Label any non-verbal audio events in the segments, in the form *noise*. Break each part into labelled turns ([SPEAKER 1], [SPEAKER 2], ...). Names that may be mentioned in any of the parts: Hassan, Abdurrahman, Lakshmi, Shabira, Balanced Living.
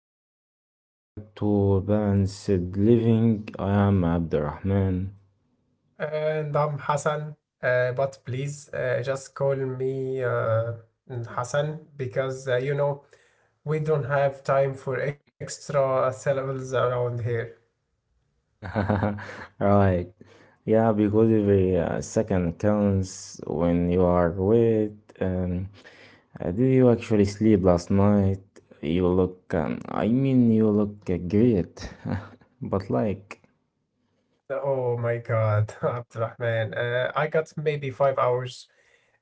[SPEAKER 1] everyone, welcome back to Balanced Living. I am Abdurrahman.
[SPEAKER 2] And I'm Hassan, but please just call me Hassan because we don't have time for extra syllables around here.
[SPEAKER 1] *laughs* Right. Yeah, because every second counts when you are with. Did you actually sleep last night? You look, I mean, you look great. *laughs* But like,
[SPEAKER 2] Oh my God, *laughs* Abdurrahman, I got maybe five hours.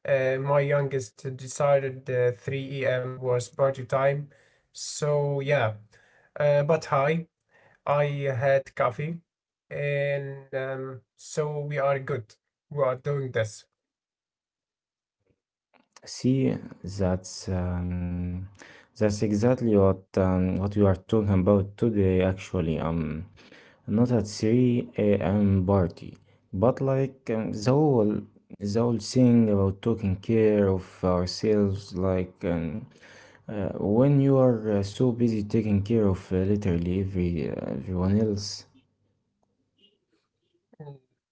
[SPEAKER 2] My youngest decided 3 a.m. was party time, so yeah. But hi, I had coffee, and so we are good. We are doing this.
[SPEAKER 1] see, that's um, that's exactly what we are talking about today. Actually. Not at 3 a.m. party, but the whole thing about taking care of ourselves. When you are so busy taking care of literally everyone else.
[SPEAKER 2] Mm,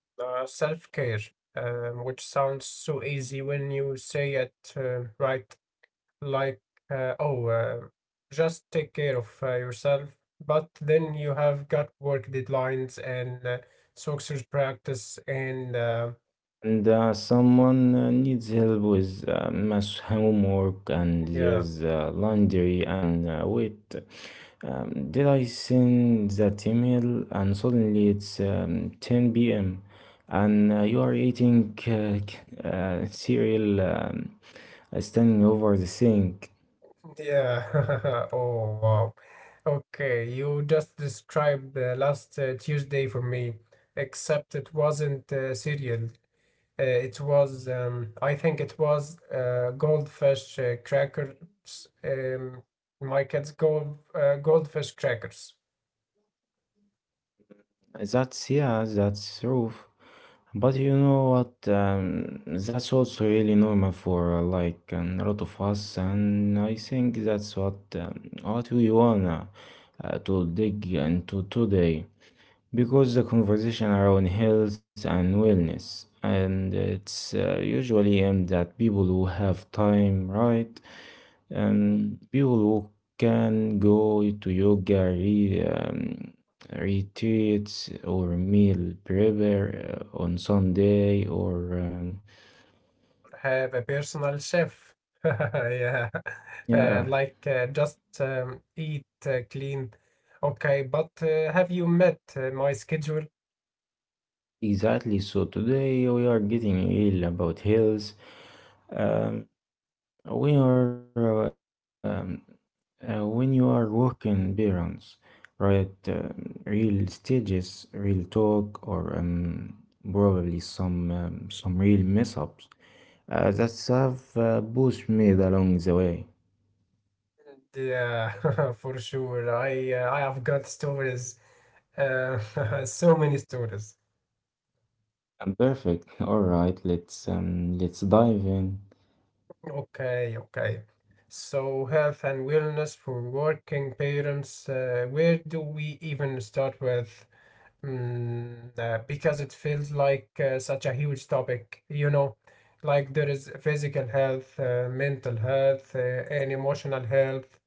[SPEAKER 2] Self-care, which sounds so easy when you say it, right? Like, uh, oh, uh, just take care of yourself. But then you have got work deadlines and soccer practice, and
[SPEAKER 1] And someone needs help with math homework, and
[SPEAKER 2] yeah,
[SPEAKER 1] there's laundry, and wait, did I send that email? And suddenly it's 10 p.m. and you are eating *laughs* cereal, standing over the sink.
[SPEAKER 2] yeah. *laughs* Oh, wow. Okay, you just described last Tuesday for me, except it wasn't cereal. It was, I think it was goldfish crackers. Um, my kids' goldfish crackers
[SPEAKER 1] That's true. But you know what? That's also really normal for a lot of us, and I think that's what we wanna to dig into today, because the conversation around health and wellness, and it's usually aimed at people who have time, right? People who can go to yoga retreats or meal prepare on Sunday or
[SPEAKER 2] have a personal chef. *laughs* Yeah,
[SPEAKER 1] yeah,
[SPEAKER 2] like just eat, clean. Okay, but have you met my schedule?
[SPEAKER 1] exactly. So today we are getting real about health. Um, we are When you are working parents, right? Real stages, real talk, or probably some real mess ups. That's have pushed me along the way.
[SPEAKER 2] Yeah, *laughs* for sure. I have got stories. Uh, *laughs* so many stories.
[SPEAKER 1] I'm perfect. *laughs* All right, let's dive in.
[SPEAKER 2] Okay, okay. So, health and wellness for working parents, where do we even start with? Because it feels like such a huge topic, you know, like there is physical health, mental health, and emotional health.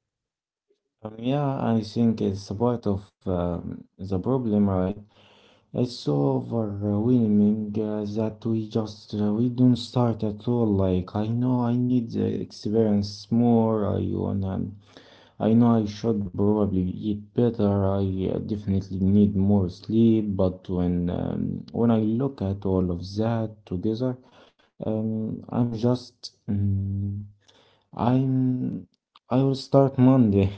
[SPEAKER 1] Yeah, I think it's a part of the problem, right? It's so overwhelming that we don't start at all. Like I know I need the experience more. I wanna. I know I should probably eat better. I definitely need more sleep. But when I look at all of that together, I'm just I'm I will start Monday,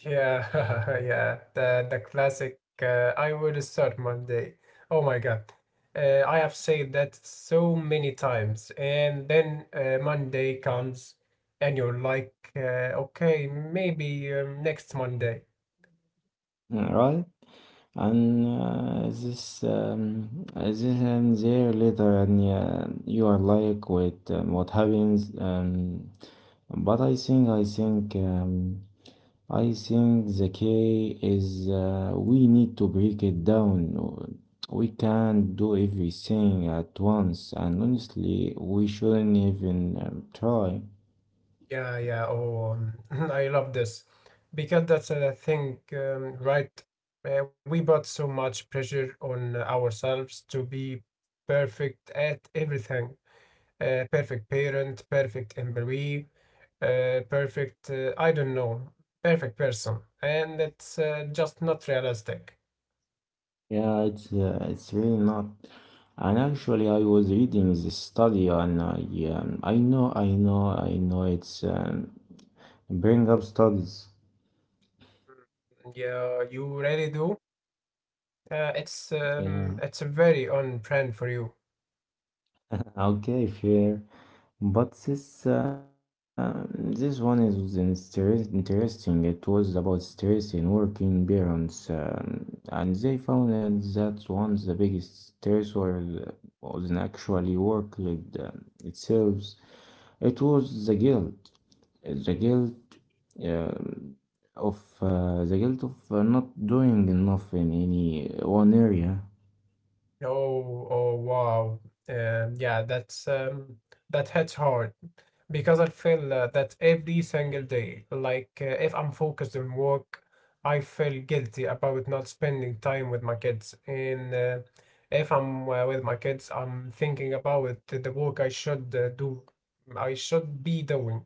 [SPEAKER 2] Yeah, *laughs* yeah, the classic. I will start Monday. Oh my God, I have said that so many times, and then Monday comes, and you're like, okay, maybe next Monday.
[SPEAKER 1] *laughs* right? And this, this and there later, and you are like, with what happens? But I think the key is we need to break it down. We can't do everything at once, and honestly, we shouldn't even try.
[SPEAKER 2] Yeah, yeah. Oh, *laughs* *clears throat* I love this because that's a thing, right? We put so much pressure on ourselves to be perfect at everything, perfect parent, perfect employee, perfect, I don't know, perfect person. And it's just not realistic.
[SPEAKER 1] Yeah, it's really not. And actually, I was reading this study, and I know, I know, I know. It's bring up studies.
[SPEAKER 2] Yeah, you really do. It's
[SPEAKER 1] Yeah,
[SPEAKER 2] it's a very on brand for you.
[SPEAKER 1] okay, fair. But this one is interesting. It was about stress in working parents, and they found out that one of the biggest stressor was actually work itself. It was the guilt. The guilt um, of The guilt of not doing enough in any one area.
[SPEAKER 2] Oh, oh, wow. Yeah, that's that hits hard because I feel that every single day. Like, if I'm focused on work, I feel guilty about not spending time with my kids. And if I'm with my kids, I'm thinking about the work I should be doing.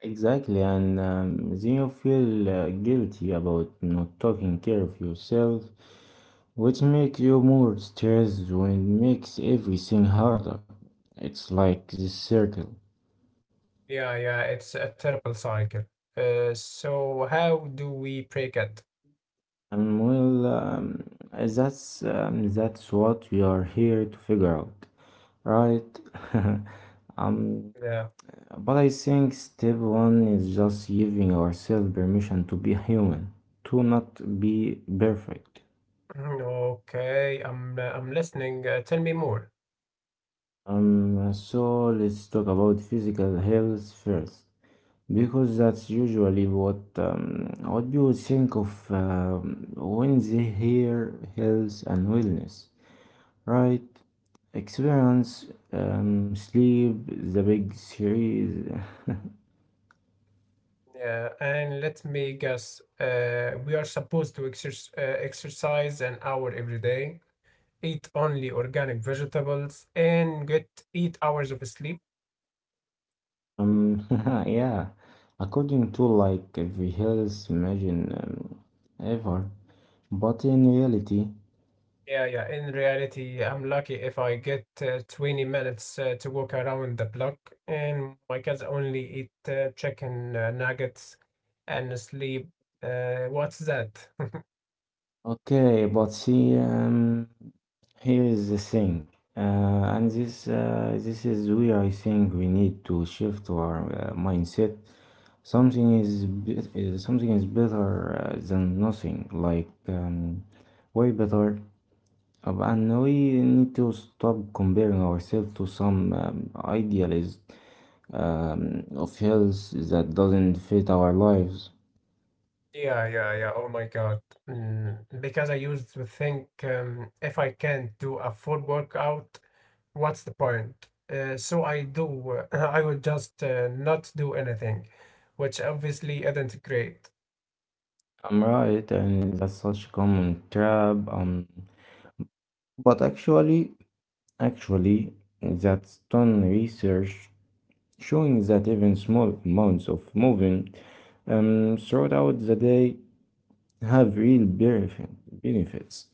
[SPEAKER 1] Exactly, and then you feel guilty about not taking care of yourself, which makes you more stressed and makes everything harder. It's like this circle.
[SPEAKER 2] Yeah, yeah, it's a terrible cycle. So how do we break it?
[SPEAKER 1] And well, that's what we are here to figure out, right? *laughs* um,
[SPEAKER 2] Yeah.
[SPEAKER 1] But I think step one is just giving ourselves permission to be human, to not be perfect.
[SPEAKER 2] Mhm. Okay, I'm listening. Tell me more.
[SPEAKER 1] So let's talk about physical health first, because that's usually what people think of when they hear health and wellness, right? Experience, sleep, the big series.
[SPEAKER 2] Yeah, and let me guess. We are supposed to exercise an hour every day, eat only organic vegetables, and get eight hours of sleep.
[SPEAKER 1] Um, *laughs* yeah, according to like every health imagine ever, but in reality,
[SPEAKER 2] Yeah, yeah. In reality, I'm lucky if I get 20 minutes to walk around the block, and my cats only eat chicken nuggets and sleep. What's that?
[SPEAKER 1] okay, but see, here is the thing, this is where I think we need to shift our mindset. Something is, something is better than nothing, way better. And we need to stop comparing ourselves to some idealized of health that doesn't fit our lives.
[SPEAKER 2] Yeah, yeah, yeah. Oh my God. Because I used to think if I can't do a full workout, what's the point? So I do, *clears throat* *laughs* I will just not do anything, which obviously isn't great.
[SPEAKER 1] I'm right, and that's such common trap. But actually, that's done research showing that even small amounts of moving throughout the day have real benefits.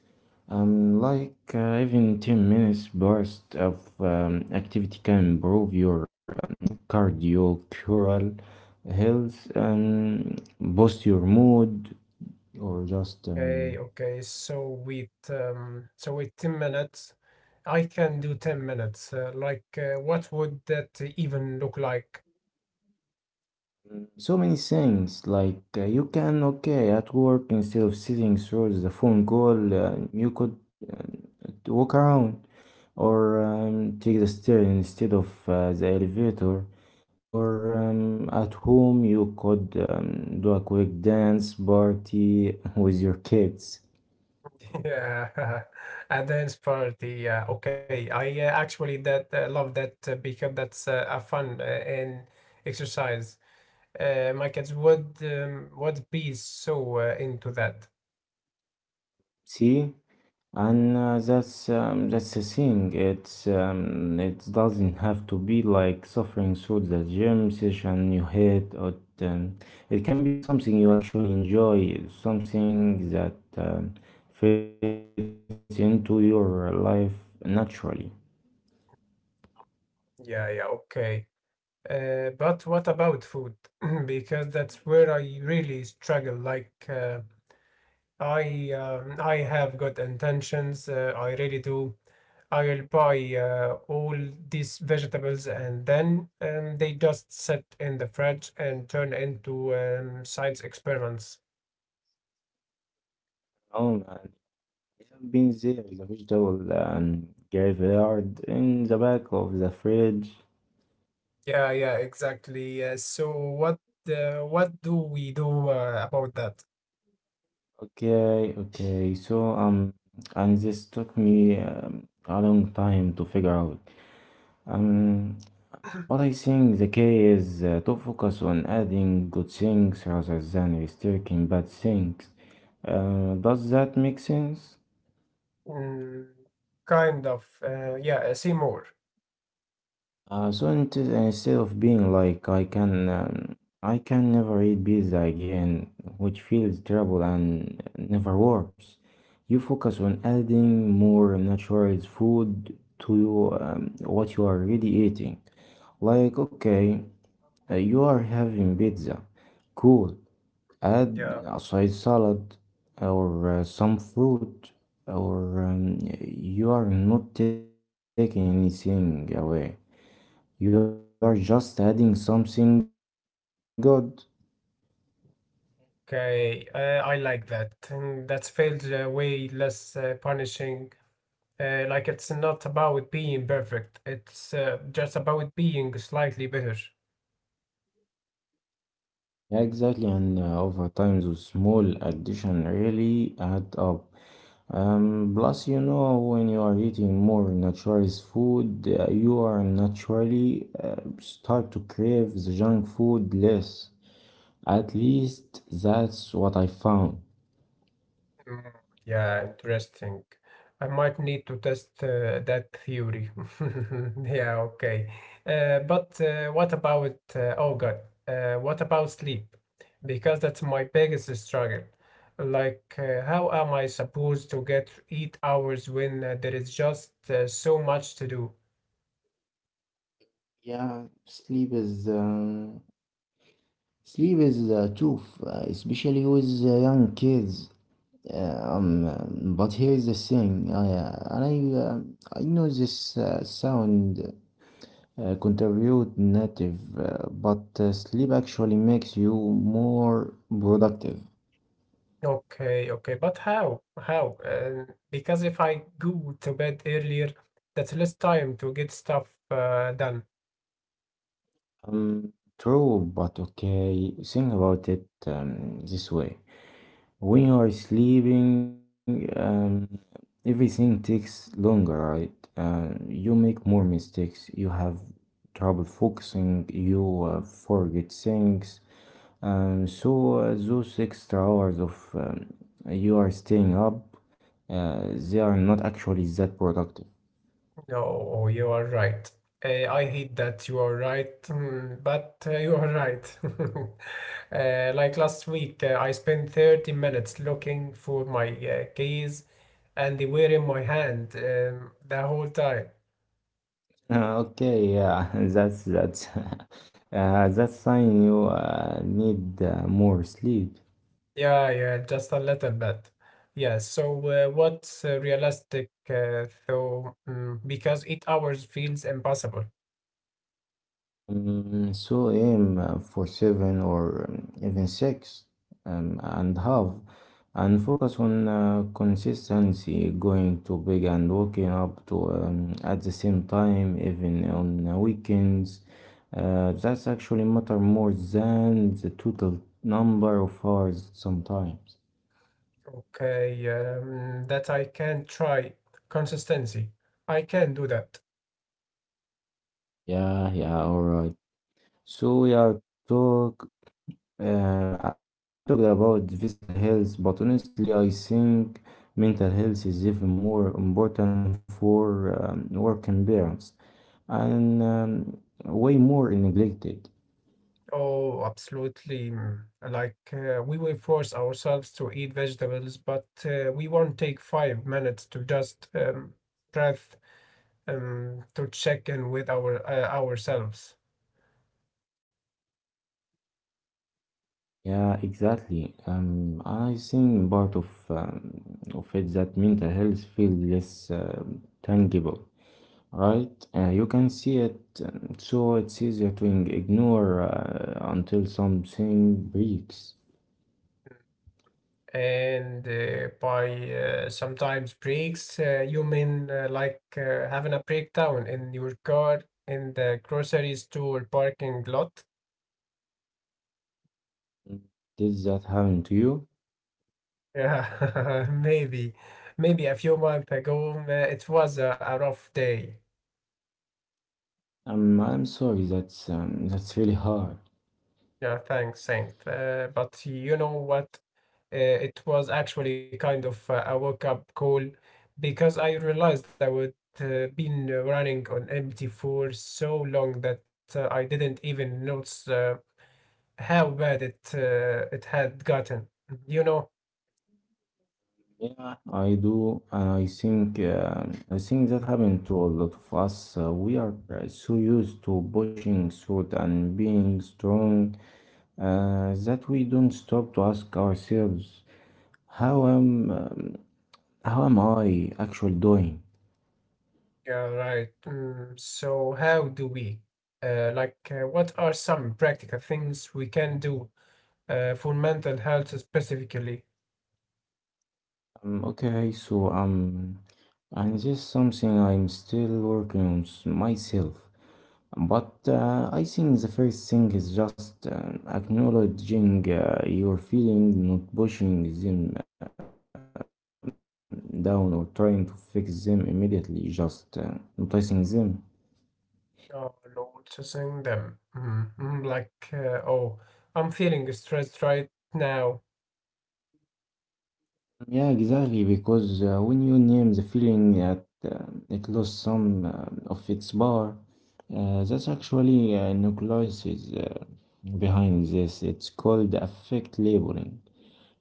[SPEAKER 1] Like even 10 minutes burst of activity can improve your cardiovascular health, boost your mood, or just
[SPEAKER 2] Okay, okay. So with 10 minutes, I can do 10 minutes. Like, what would that even look like?
[SPEAKER 1] so many things. Like you can, okay, at work instead of sitting through the phone call, you could uh, walk around, or take the stairs instead of the elevator, or at home you could do a quick dance party *laughs* with your kids.
[SPEAKER 2] Yeah, *laughs* and then for the okay, I actually that love that because that's a fun and exercise. My kids would be so into that.
[SPEAKER 1] See? And that's the thing. It doesn't have to be like suffering through the gym session you hate, or um, it can be something you actually enjoy, something that um, fits into your life naturally.
[SPEAKER 2] Yeah, yeah, okay. But what about food? *clears throat* Because that's where I really struggle. Like, I have good intentions. I really do. I will buy all these vegetables and then they just sit in the fridge and turn into science experiments.
[SPEAKER 1] Oh man. Been there, the vegetable and graveyard in the back of the fridge.
[SPEAKER 2] Yeah, yeah, exactly. So what do we do about that?
[SPEAKER 1] Okay, okay. So and this took me a long time to figure out. Um, but I think the key is to focus on adding good things rather than restricting bad things. Does that make sense?
[SPEAKER 2] Mm, kind of. Yeah, see more.
[SPEAKER 1] So instead of being like I can never eat pizza again, which feels terrible and never works. You focus on adding more natural food to what you are already eating. Like okay, you are having pizza, cool. Add
[SPEAKER 2] Yeah.
[SPEAKER 1] a side salad or some fruit, or you are not taking anything away. You are just adding something good.
[SPEAKER 2] Okay. I like that. That's felt way less punishing. Like it's not about being perfect. It's just about being slightly better.
[SPEAKER 1] Yeah, exactly. And over time, those small addition really add up. Plus, you know, when you are eating more naturalist food, you are naturally start to crave the junk food less. At least that's what I found.
[SPEAKER 2] Mm, yeah, interesting. I might need to test that theory. *laughs* yeah, okay. But What about oh God? What about sleep? Because that's my biggest struggle. Like, how am I supposed to get eight hours when there is just so much to do?
[SPEAKER 1] Yeah, sleep is the truth, especially with young kids. But here is the thing. I and I I know this sound contribute native, but sleep actually makes you more productive.
[SPEAKER 2] Okay, okay, but how? How? Because if I go to bed earlier, that's less time to get stuff done.
[SPEAKER 1] Um, True, but okay. Think about it this way. When you are sleeping, everything takes longer, right? You make more mistakes. You have trouble focusing. You forget things. So those extra hours of you are staying up, they are not actually that productive. *laughs*
[SPEAKER 2] No, you are right. I hate that you are right, but you are right. *laughs* Like last week, I spent 30 minutes looking for my keys and they were in my hand the whole time.
[SPEAKER 1] Okay, yeah, *laughs* that's *laughs* that's sign you need more sleep.
[SPEAKER 2] Yeah, yeah, just a little bit. Yeah, so what's realistic though? Because eight hours feels impossible.
[SPEAKER 1] Mm, so aim for seven or even six and half, and focus on consistency, going to bed and waking up to at the same time, even on weekends. That's actually matter more than the total number of hours sometimes.
[SPEAKER 2] Okay, that I can try. Consistency. I can do that.
[SPEAKER 1] Yeah, all right, so we are talk Um, we talked about physical health, but honestly, I think mental health is even more important for working parents and way more neglected.
[SPEAKER 2] Oh, absolutely. Like we will force ourselves to eat vegetables, but we won't take five minutes to just breath to check in with our ourselves.
[SPEAKER 1] Yeah, exactly. I think part of it that mental health feel less tangible, right? You can see it, so it's easier to ignore until something breaks.
[SPEAKER 2] And by sometimes breaks you mean like having a breakdown in your car in the grocery store parking lot.
[SPEAKER 1] Did that happen to you?
[SPEAKER 2] Yeah, *laughs* maybe maybe a few months ago, it was a rough day.
[SPEAKER 1] I'm sorry, that's really hard.
[SPEAKER 2] Yeah, thanks, Saint. But you know what? It was actually kind of a wake up call because I realized I would been running on empty for so long that I didn't even notice how bad it had gotten. You know?
[SPEAKER 1] Yeah, I do, and I think that happened to a lot of us. We are so used to pushing through and being strong that we don't stop to ask ourselves, how am um, how am I actually doing?
[SPEAKER 2] Yeah, right. So how do we? Like, what are some practical things we can do for mental health specifically?
[SPEAKER 1] Okay, so and this is something I'm still working on myself. But I think the first thing is just acknowledging your feelings, not pushing them down or trying to fix them immediately, just noticing them.
[SPEAKER 2] Oh, noticing them. Mhm, mhm. Like, oh, I'm feeling stressed right now.
[SPEAKER 1] Yeah, exactly, because when you name the feeling that it lost some of its power, that's actually nucleus is behind this. It's called affect labeling.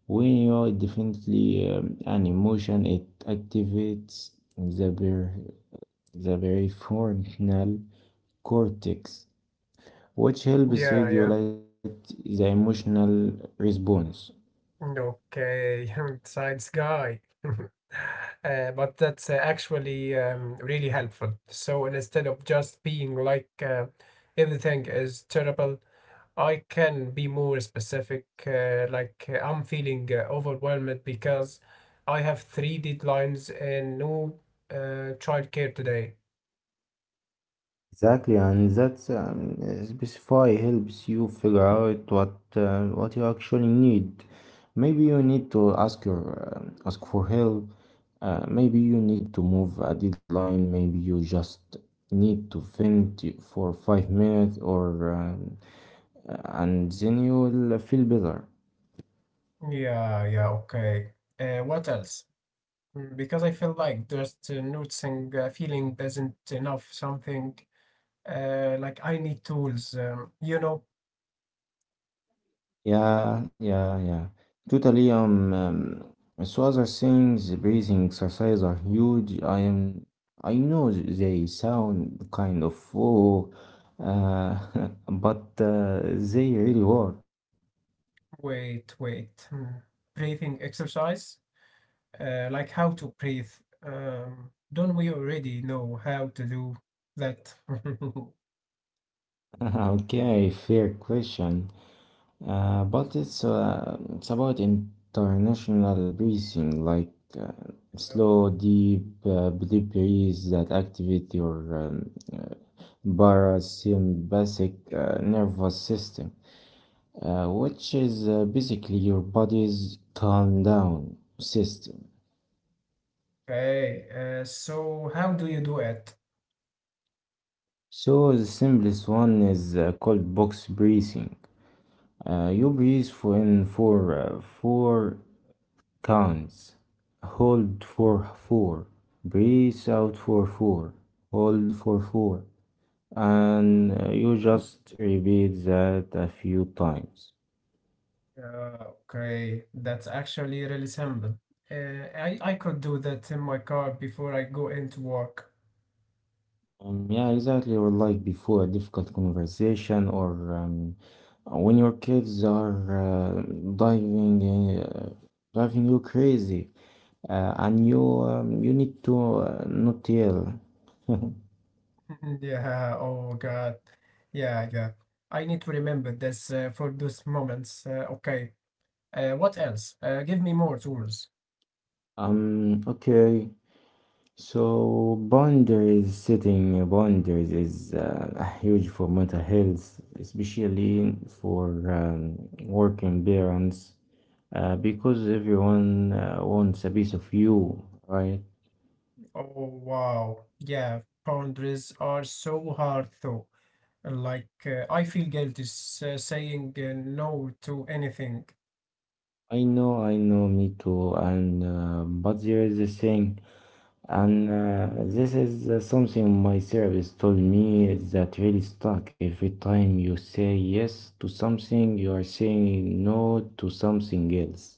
[SPEAKER 1] When you are definitely an emotion, it activates the, ber- the prefrontal cortex, which helps
[SPEAKER 2] Yeah, yeah.
[SPEAKER 1] regulate the emotional response.
[SPEAKER 2] Okay, *laughs* science guy. *laughs* But that's actually really helpful. So instead of just being like everything is terrible, I can be more specific. Like I'm feeling overwhelmed because I have three deadlines and no childcare today.
[SPEAKER 1] Exactly, and that's specify helps you figure out what you actually need. Maybe you need to ask your ask for help. Maybe you need to move a deadline. Maybe you just need to vent for 5 minutes, or and then you will feel better.
[SPEAKER 2] Yeah, yeah, okay. What else? Because I feel like just noticing feeling isn't enough, something like I need tools, you know.
[SPEAKER 1] Yeah, yeah, yeah. Totally. So other things, the breathing exercise are huge. I am, I know they sound kind of full, uh, *laughs* but they really work.
[SPEAKER 2] Hmm, breathing exercise, like how to breathe. Don't we already know how to do that? *laughs*
[SPEAKER 1] *laughs* Okay, fair question. But it's about international breathing, like uh, slow, deep breaths that activate your parasympathetic nervous system, which is basically your body's calm down system.
[SPEAKER 2] Okay, so how do you do it?
[SPEAKER 1] So the simplest one is called box breathing. You breathe for in for four counts. Hold for four, breathe out for four, hold for four, and you just repeat that a few times.
[SPEAKER 2] Yeah, okay, that's actually really simple. Uh, I could do that in my car before I go into work.
[SPEAKER 1] Yeah, exactly. Or like before a difficult conversation, or when your kids are driving in, uh, driving you crazy, and you need to not yell.
[SPEAKER 2] *laughs* Yeah, oh God. Yeah, yeah. I need to remember this for those moments. Okay, what else? Give me more tools.
[SPEAKER 1] *laughs* Okay. So boundaries, setting boundaries is huge for mental health, especially for working parents, because everyone wants a piece of you, right?
[SPEAKER 2] Oh wow. Yeah, boundaries are so hard though. Like I feel guilty saying no to anything.
[SPEAKER 1] I know, me too. And but there is a thing, and this is something my therapist told me is that really stuck. Every time you say yes to something, you are saying no to something else.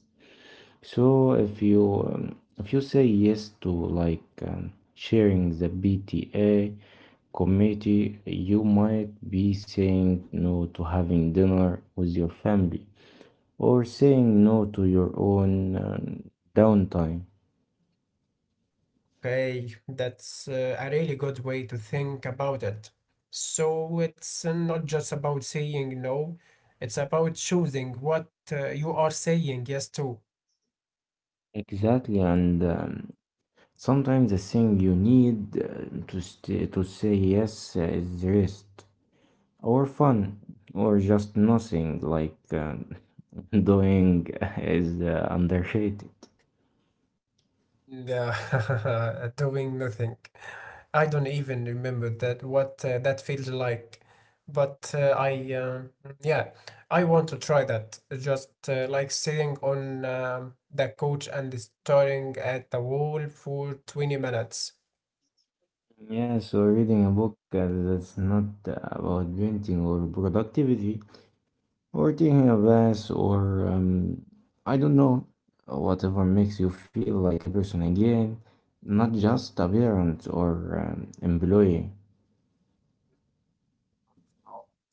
[SPEAKER 1] So if you say yes to sharing the BTA committee, you might be saying no to having dinner with your family or saying no to your own downtime.
[SPEAKER 2] Okay, that's a really good way to think about it. So it's not just about saying no, it's about choosing what you are saying yes to.
[SPEAKER 1] Exactly, and sometimes the thing you need to say yes is rest, or fun, or just nothing, like *laughs* doing is underrated.
[SPEAKER 2] Yeah, *laughs* doing nothing. I don't even remember that what that feels like. But yeah, I want to try that. Just like sitting on the couch and staring at the wall for 20 minutes.
[SPEAKER 1] Yeah, so reading a book that's not about painting or productivity, or taking a bath, or I don't know, whatever makes you feel like a person again, not just a parent or employee.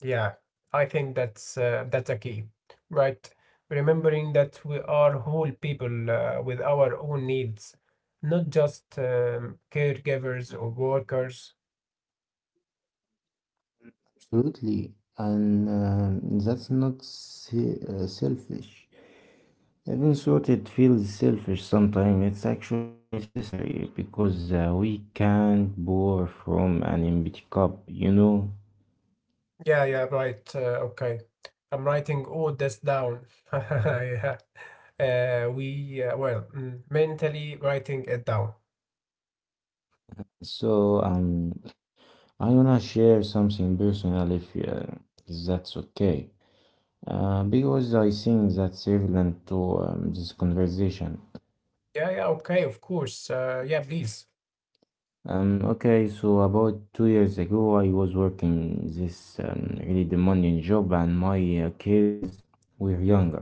[SPEAKER 2] Yeah, I think that's a key, right? Remembering that we are whole people with our own needs, not just caregivers or workers.
[SPEAKER 1] Absolutely, and that's not selfish. Even so, it feels selfish sometimes. It's actually necessary because we can't pour from an empty cup.
[SPEAKER 2] Yeah, yeah, right. Okay. I'm writing all this down. *laughs* Yeah. Well, mentally writing it down.
[SPEAKER 1] So I wanna share something personal if that's okay, because I think that's relevant to this conversation.
[SPEAKER 2] Yeah, yeah, okay, of course. Yeah, please.
[SPEAKER 1] Okay, so about 2 years ago, I was working this really demanding job, and my kids were younger.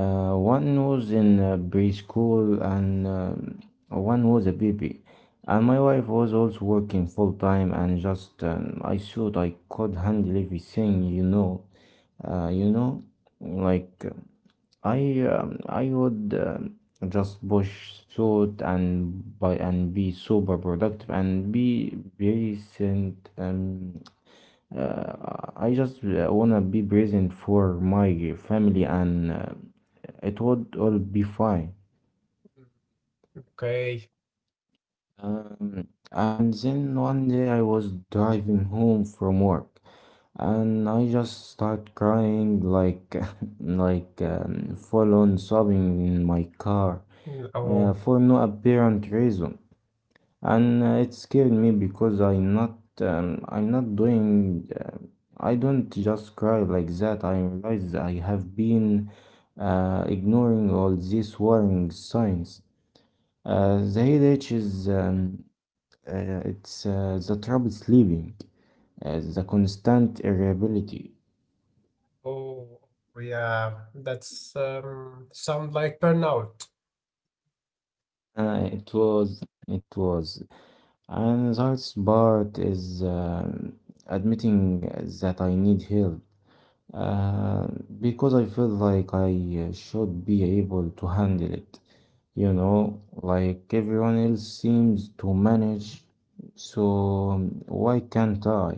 [SPEAKER 1] One was in preschool, and one was a baby. And my wife was also working full time, and just I thought I could handle everything, you know. Uh, you know, like uh, I would just push through it, and by and be super productive and be patient. I just wanna be present for my family, and it would all be fine.
[SPEAKER 2] Mm. Okay.
[SPEAKER 1] And then one day I was driving home from work, and I just start crying, like *laughs* like full on sobbing in my car,
[SPEAKER 2] Mm. Oh.
[SPEAKER 1] for no apparent reason. And it scared me because I'm not doing I don't just cry like that. I realize I have been ignoring all these warning signs. The headache is it's the trouble sleeping, the constant irritability.
[SPEAKER 2] Oh, yeah, that's sound like burnout,
[SPEAKER 1] It was. And the hardest part is admitting that I need help. Uh, because I feel like I should be able to handle it, you know, like everyone else seems to manage, so why can't I?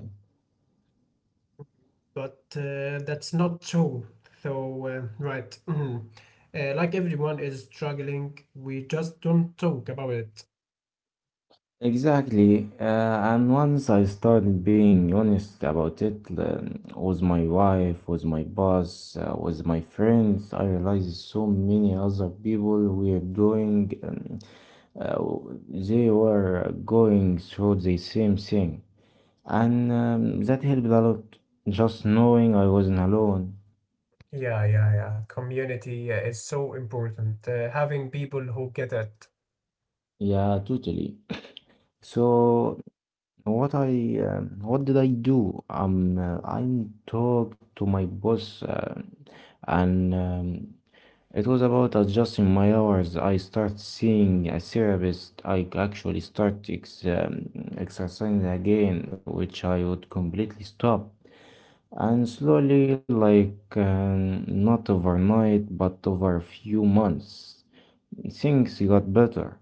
[SPEAKER 2] but that's not true. So, right. *clears throat* Like everyone is struggling, we just don't talk about it.
[SPEAKER 1] Exactly, and once I started being honest about it, with my wife, with my boss, with my friends, I realized so many other people uh, they were going through the same thing. And that helped a lot, just knowing I wasn't alone.
[SPEAKER 2] Yeah, yeah, yeah. Community is so important. Having people who get it,
[SPEAKER 1] Yeah, totally. So what did I do? I talked to my boss, and it was about adjusting my hours. I start seeing a therapist. I actually start ex exercising again, which I would completely stop. And slowly, like not overnight, but over a few months, things got better.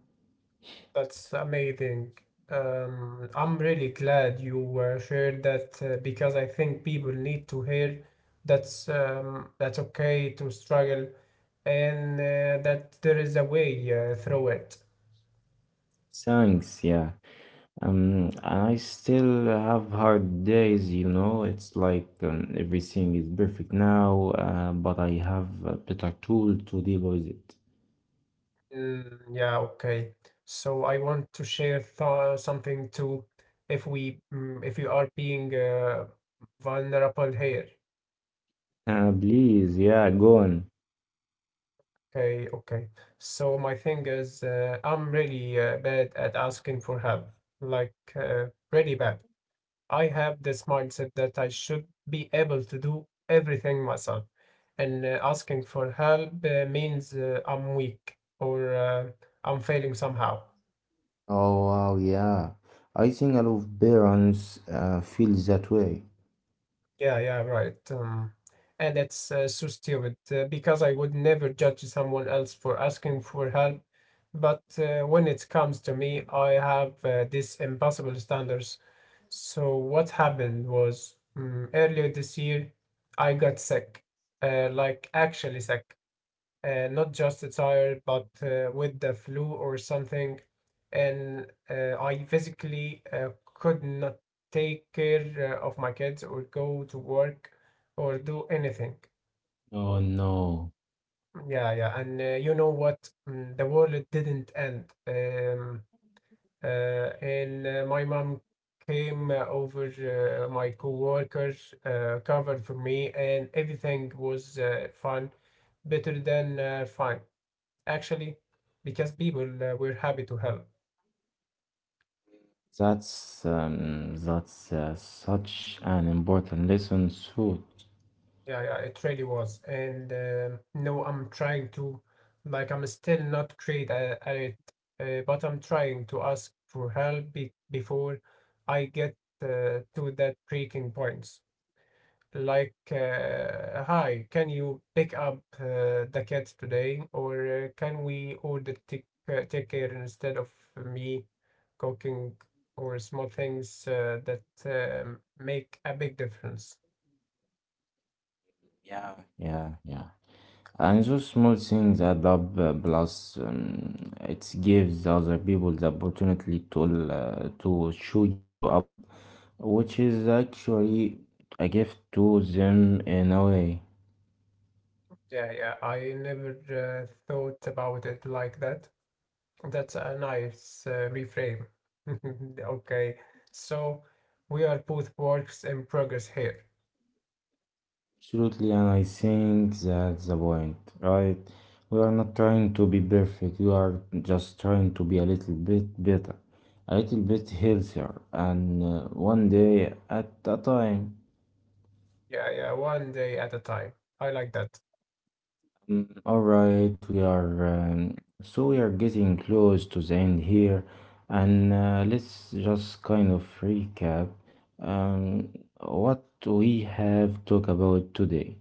[SPEAKER 2] that's amazing. I'm really glad you shared that because I think people need to hear that's okay to struggle and that there is a way through it.
[SPEAKER 1] Thanks, yeah. I still have hard days, you know. It's like everything is perfect now, but I have a better tool to deal with it.
[SPEAKER 2] Mm, yeah, okay. So I want to share th something too. If we, if you are being vulnerable here.
[SPEAKER 1] Please, yeah, go on.
[SPEAKER 2] Okay, okay. So my thing is, I'm really bad at asking for help. Like, really bad. I have this mindset that I should be able to do everything myself. And asking for help means I'm weak or I'm failing somehow.
[SPEAKER 1] Oh, wow, yeah. I think a lot of parents feel that way.
[SPEAKER 2] Yeah, yeah, right. And that's so stupid because I would never judge someone else for asking for help. But when it comes to me, I have these impossible standards. So what happened was earlier this year, I got sick, like actually sick, not just a tired, but with the flu or something. And I physically could not take care of my kids or go to work or do anything.
[SPEAKER 1] Oh no,
[SPEAKER 2] Yeah, yeah. And you know what? The world didn't end. And my mom came over, my coworkers covered for me, and everything was fun, better than fine actually, because people were happy to help.
[SPEAKER 1] that's such an important lesson, thought.
[SPEAKER 2] Yeah, yeah, it really was. And no, I'm trying to, like, I'm still not great at it, but I'm trying to ask for help be before I get to that breaking point. Like, hi, can you pick up the cat today, or can we order take care instead of me cooking, or small things that make a big difference.
[SPEAKER 1] Yeah, yeah, yeah. And those small things add up, plus it gives other people the opportunity to show you up, which is actually a gift to them in a way.
[SPEAKER 2] Yeah, yeah, I never thought about it like that. That's a nice reframe. *laughs* Okay, so we are both works in progress here.
[SPEAKER 1] Absolutely, and I think that's the point, right? We are not trying to be perfect, we are just trying to be a little bit better, a little bit healthier, and one day at a time.
[SPEAKER 2] Yeah, yeah, one day at a time. I like that.
[SPEAKER 1] All right, we are so we are getting close to the end here, and let's just kind of recap um, what we have talked about today.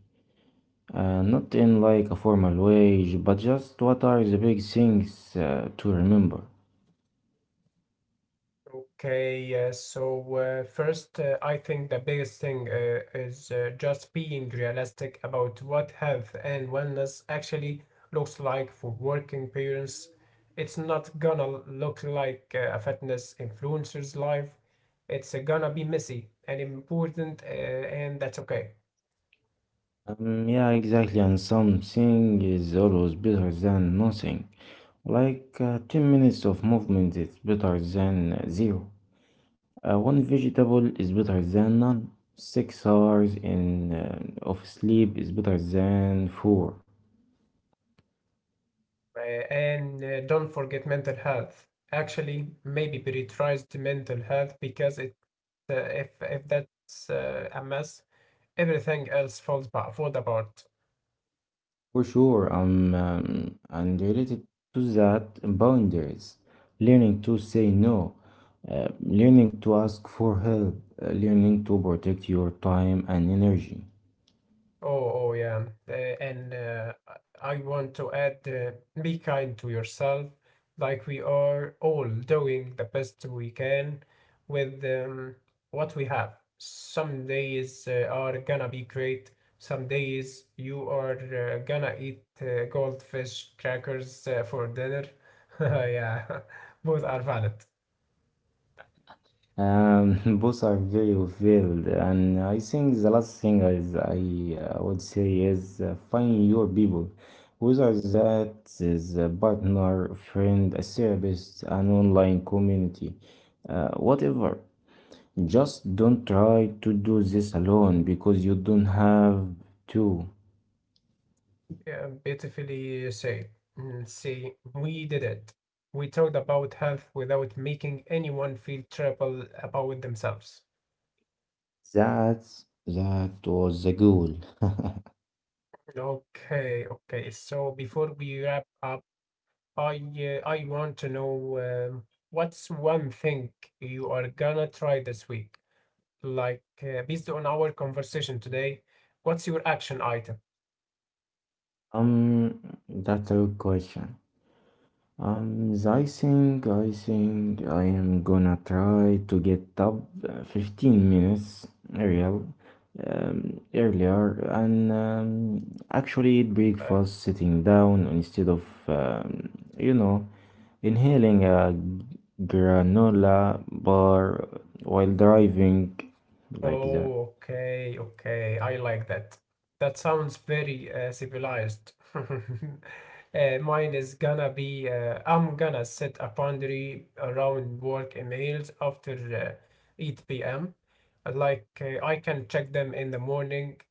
[SPEAKER 1] Not in like a formal way, but just what are the big things to remember.
[SPEAKER 2] Okay, yes. So, first, I think the biggest thing is just being realistic about what health and wellness actually looks like for working parents. It's not gonna look like a fitness influencer's life. It's gonna be messy and important, and that's okay.
[SPEAKER 1] Yeah, exactly, and something is always better than nothing. Like 10 minutes of movement is better than zero. One vegetable is better than none. 6 hours in of sleep is better than 4.
[SPEAKER 2] Uh, and don't forget mental health. Actually, maybe prioritized mental health, because it, if that's a mess, everything else falls apart.
[SPEAKER 1] For sure, I'm and related to that, boundaries, learning to say no, learning to ask for help, learning to protect your time and energy.
[SPEAKER 2] Oh, oh yeah. And I want to add, be kind to yourself, like we are all doing the best we can with what we have. Some days are gonna be great. Some days you are gonna eat goldfish crackers for dinner. *laughs* Yeah, both are valid.
[SPEAKER 1] *laughs* Both are very varied, and I think the last thing is I would say is find your people, whether that is a partner, friend, a therapist, an online community, whatever. Just don't try to do this alone because you don't have to.
[SPEAKER 2] Yeah, beautifully said. Mm, see, we did it. We talked about health without making anyone feel terrible about themselves.
[SPEAKER 1] That that was the goal.
[SPEAKER 2] Okay, okay. So before we wrap up, I want to know, um, what's one thing you are gonna try this week? Like, based on our conversation today, what's your action item?
[SPEAKER 1] Um, that's a good question. I think I am gonna try to get up 15 minutes real earlier and actually eat
[SPEAKER 2] Okay.
[SPEAKER 1] breakfast sitting down instead of, you know, inhaling a granola bar while driving like that.
[SPEAKER 2] Oh, okay, okay. I like that. That sounds very civilized. *laughs* Mine is gonna be, I'm gonna set a boundary around work emails after uh, 8 p.m. Like, I can check them in the morning.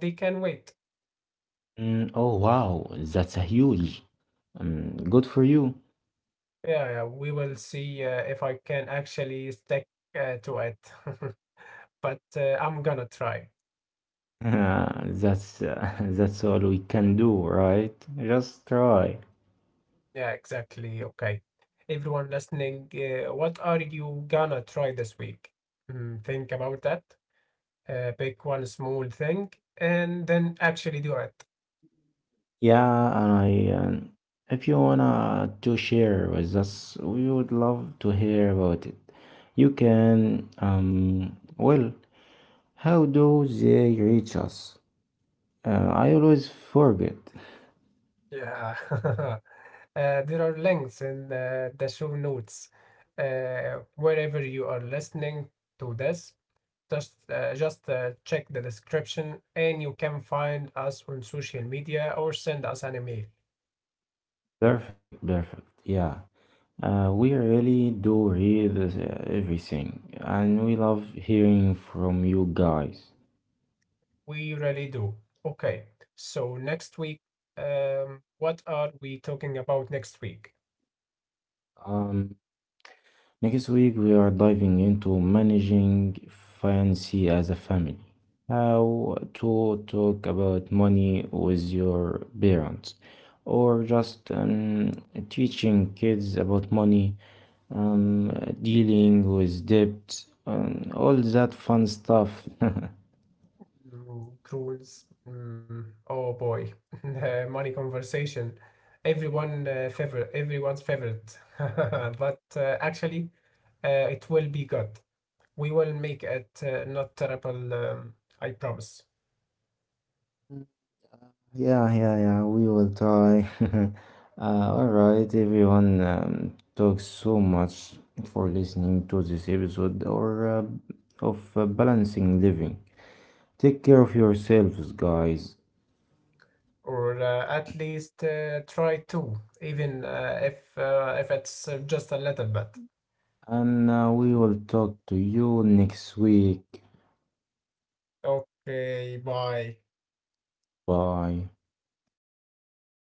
[SPEAKER 2] They can wait.
[SPEAKER 1] Mm, oh wow, that's a huge. Good for you.
[SPEAKER 2] Yeah, yeah, we will see if I can actually stick to it. *laughs* But I'm gonna try.
[SPEAKER 1] *laughs* Yeah, that's *laughs* that's all we can do, right? Just try.
[SPEAKER 2] Yeah, exactly. Okay. Everyone listening, what are you gonna try this week? Mm, think about that. Pick one small thing and then actually do it.
[SPEAKER 1] Yeah, and if you wanna to share with us, we would love to hear about it. You can, how do they reach us? I always forget.
[SPEAKER 2] Yeah. *laughs* There are links in the show notes. Wherever you are listening to this, just check the description and you can find us on social media or send us an email.
[SPEAKER 1] Perfect, perfect. Yeah. We really do read everything, and we love hearing from you guys.
[SPEAKER 2] We really do. Okay, so next week, what are we talking about next week?
[SPEAKER 1] Um, Next week, we are diving into managing fancy as a family. How to talk about money with your parents, or just teaching kids about money, dealing with debt, all that fun stuff. *laughs*
[SPEAKER 2] Mm, cruise. Mm, oh boy, *laughs* the money conversation. Everyone's favorite. *laughs* But actually, it will be good. We will make it not terrible. I promise.
[SPEAKER 1] Yeah, yeah, yeah, we will try. *laughs* All right, everyone. Talks so much for listening to this episode or of balancing living. Take care of yourselves, guys,
[SPEAKER 2] Or at least try to, even if it's just a little bit.
[SPEAKER 1] and we will talk to you next week.
[SPEAKER 2] Okay, bye.
[SPEAKER 1] Bye.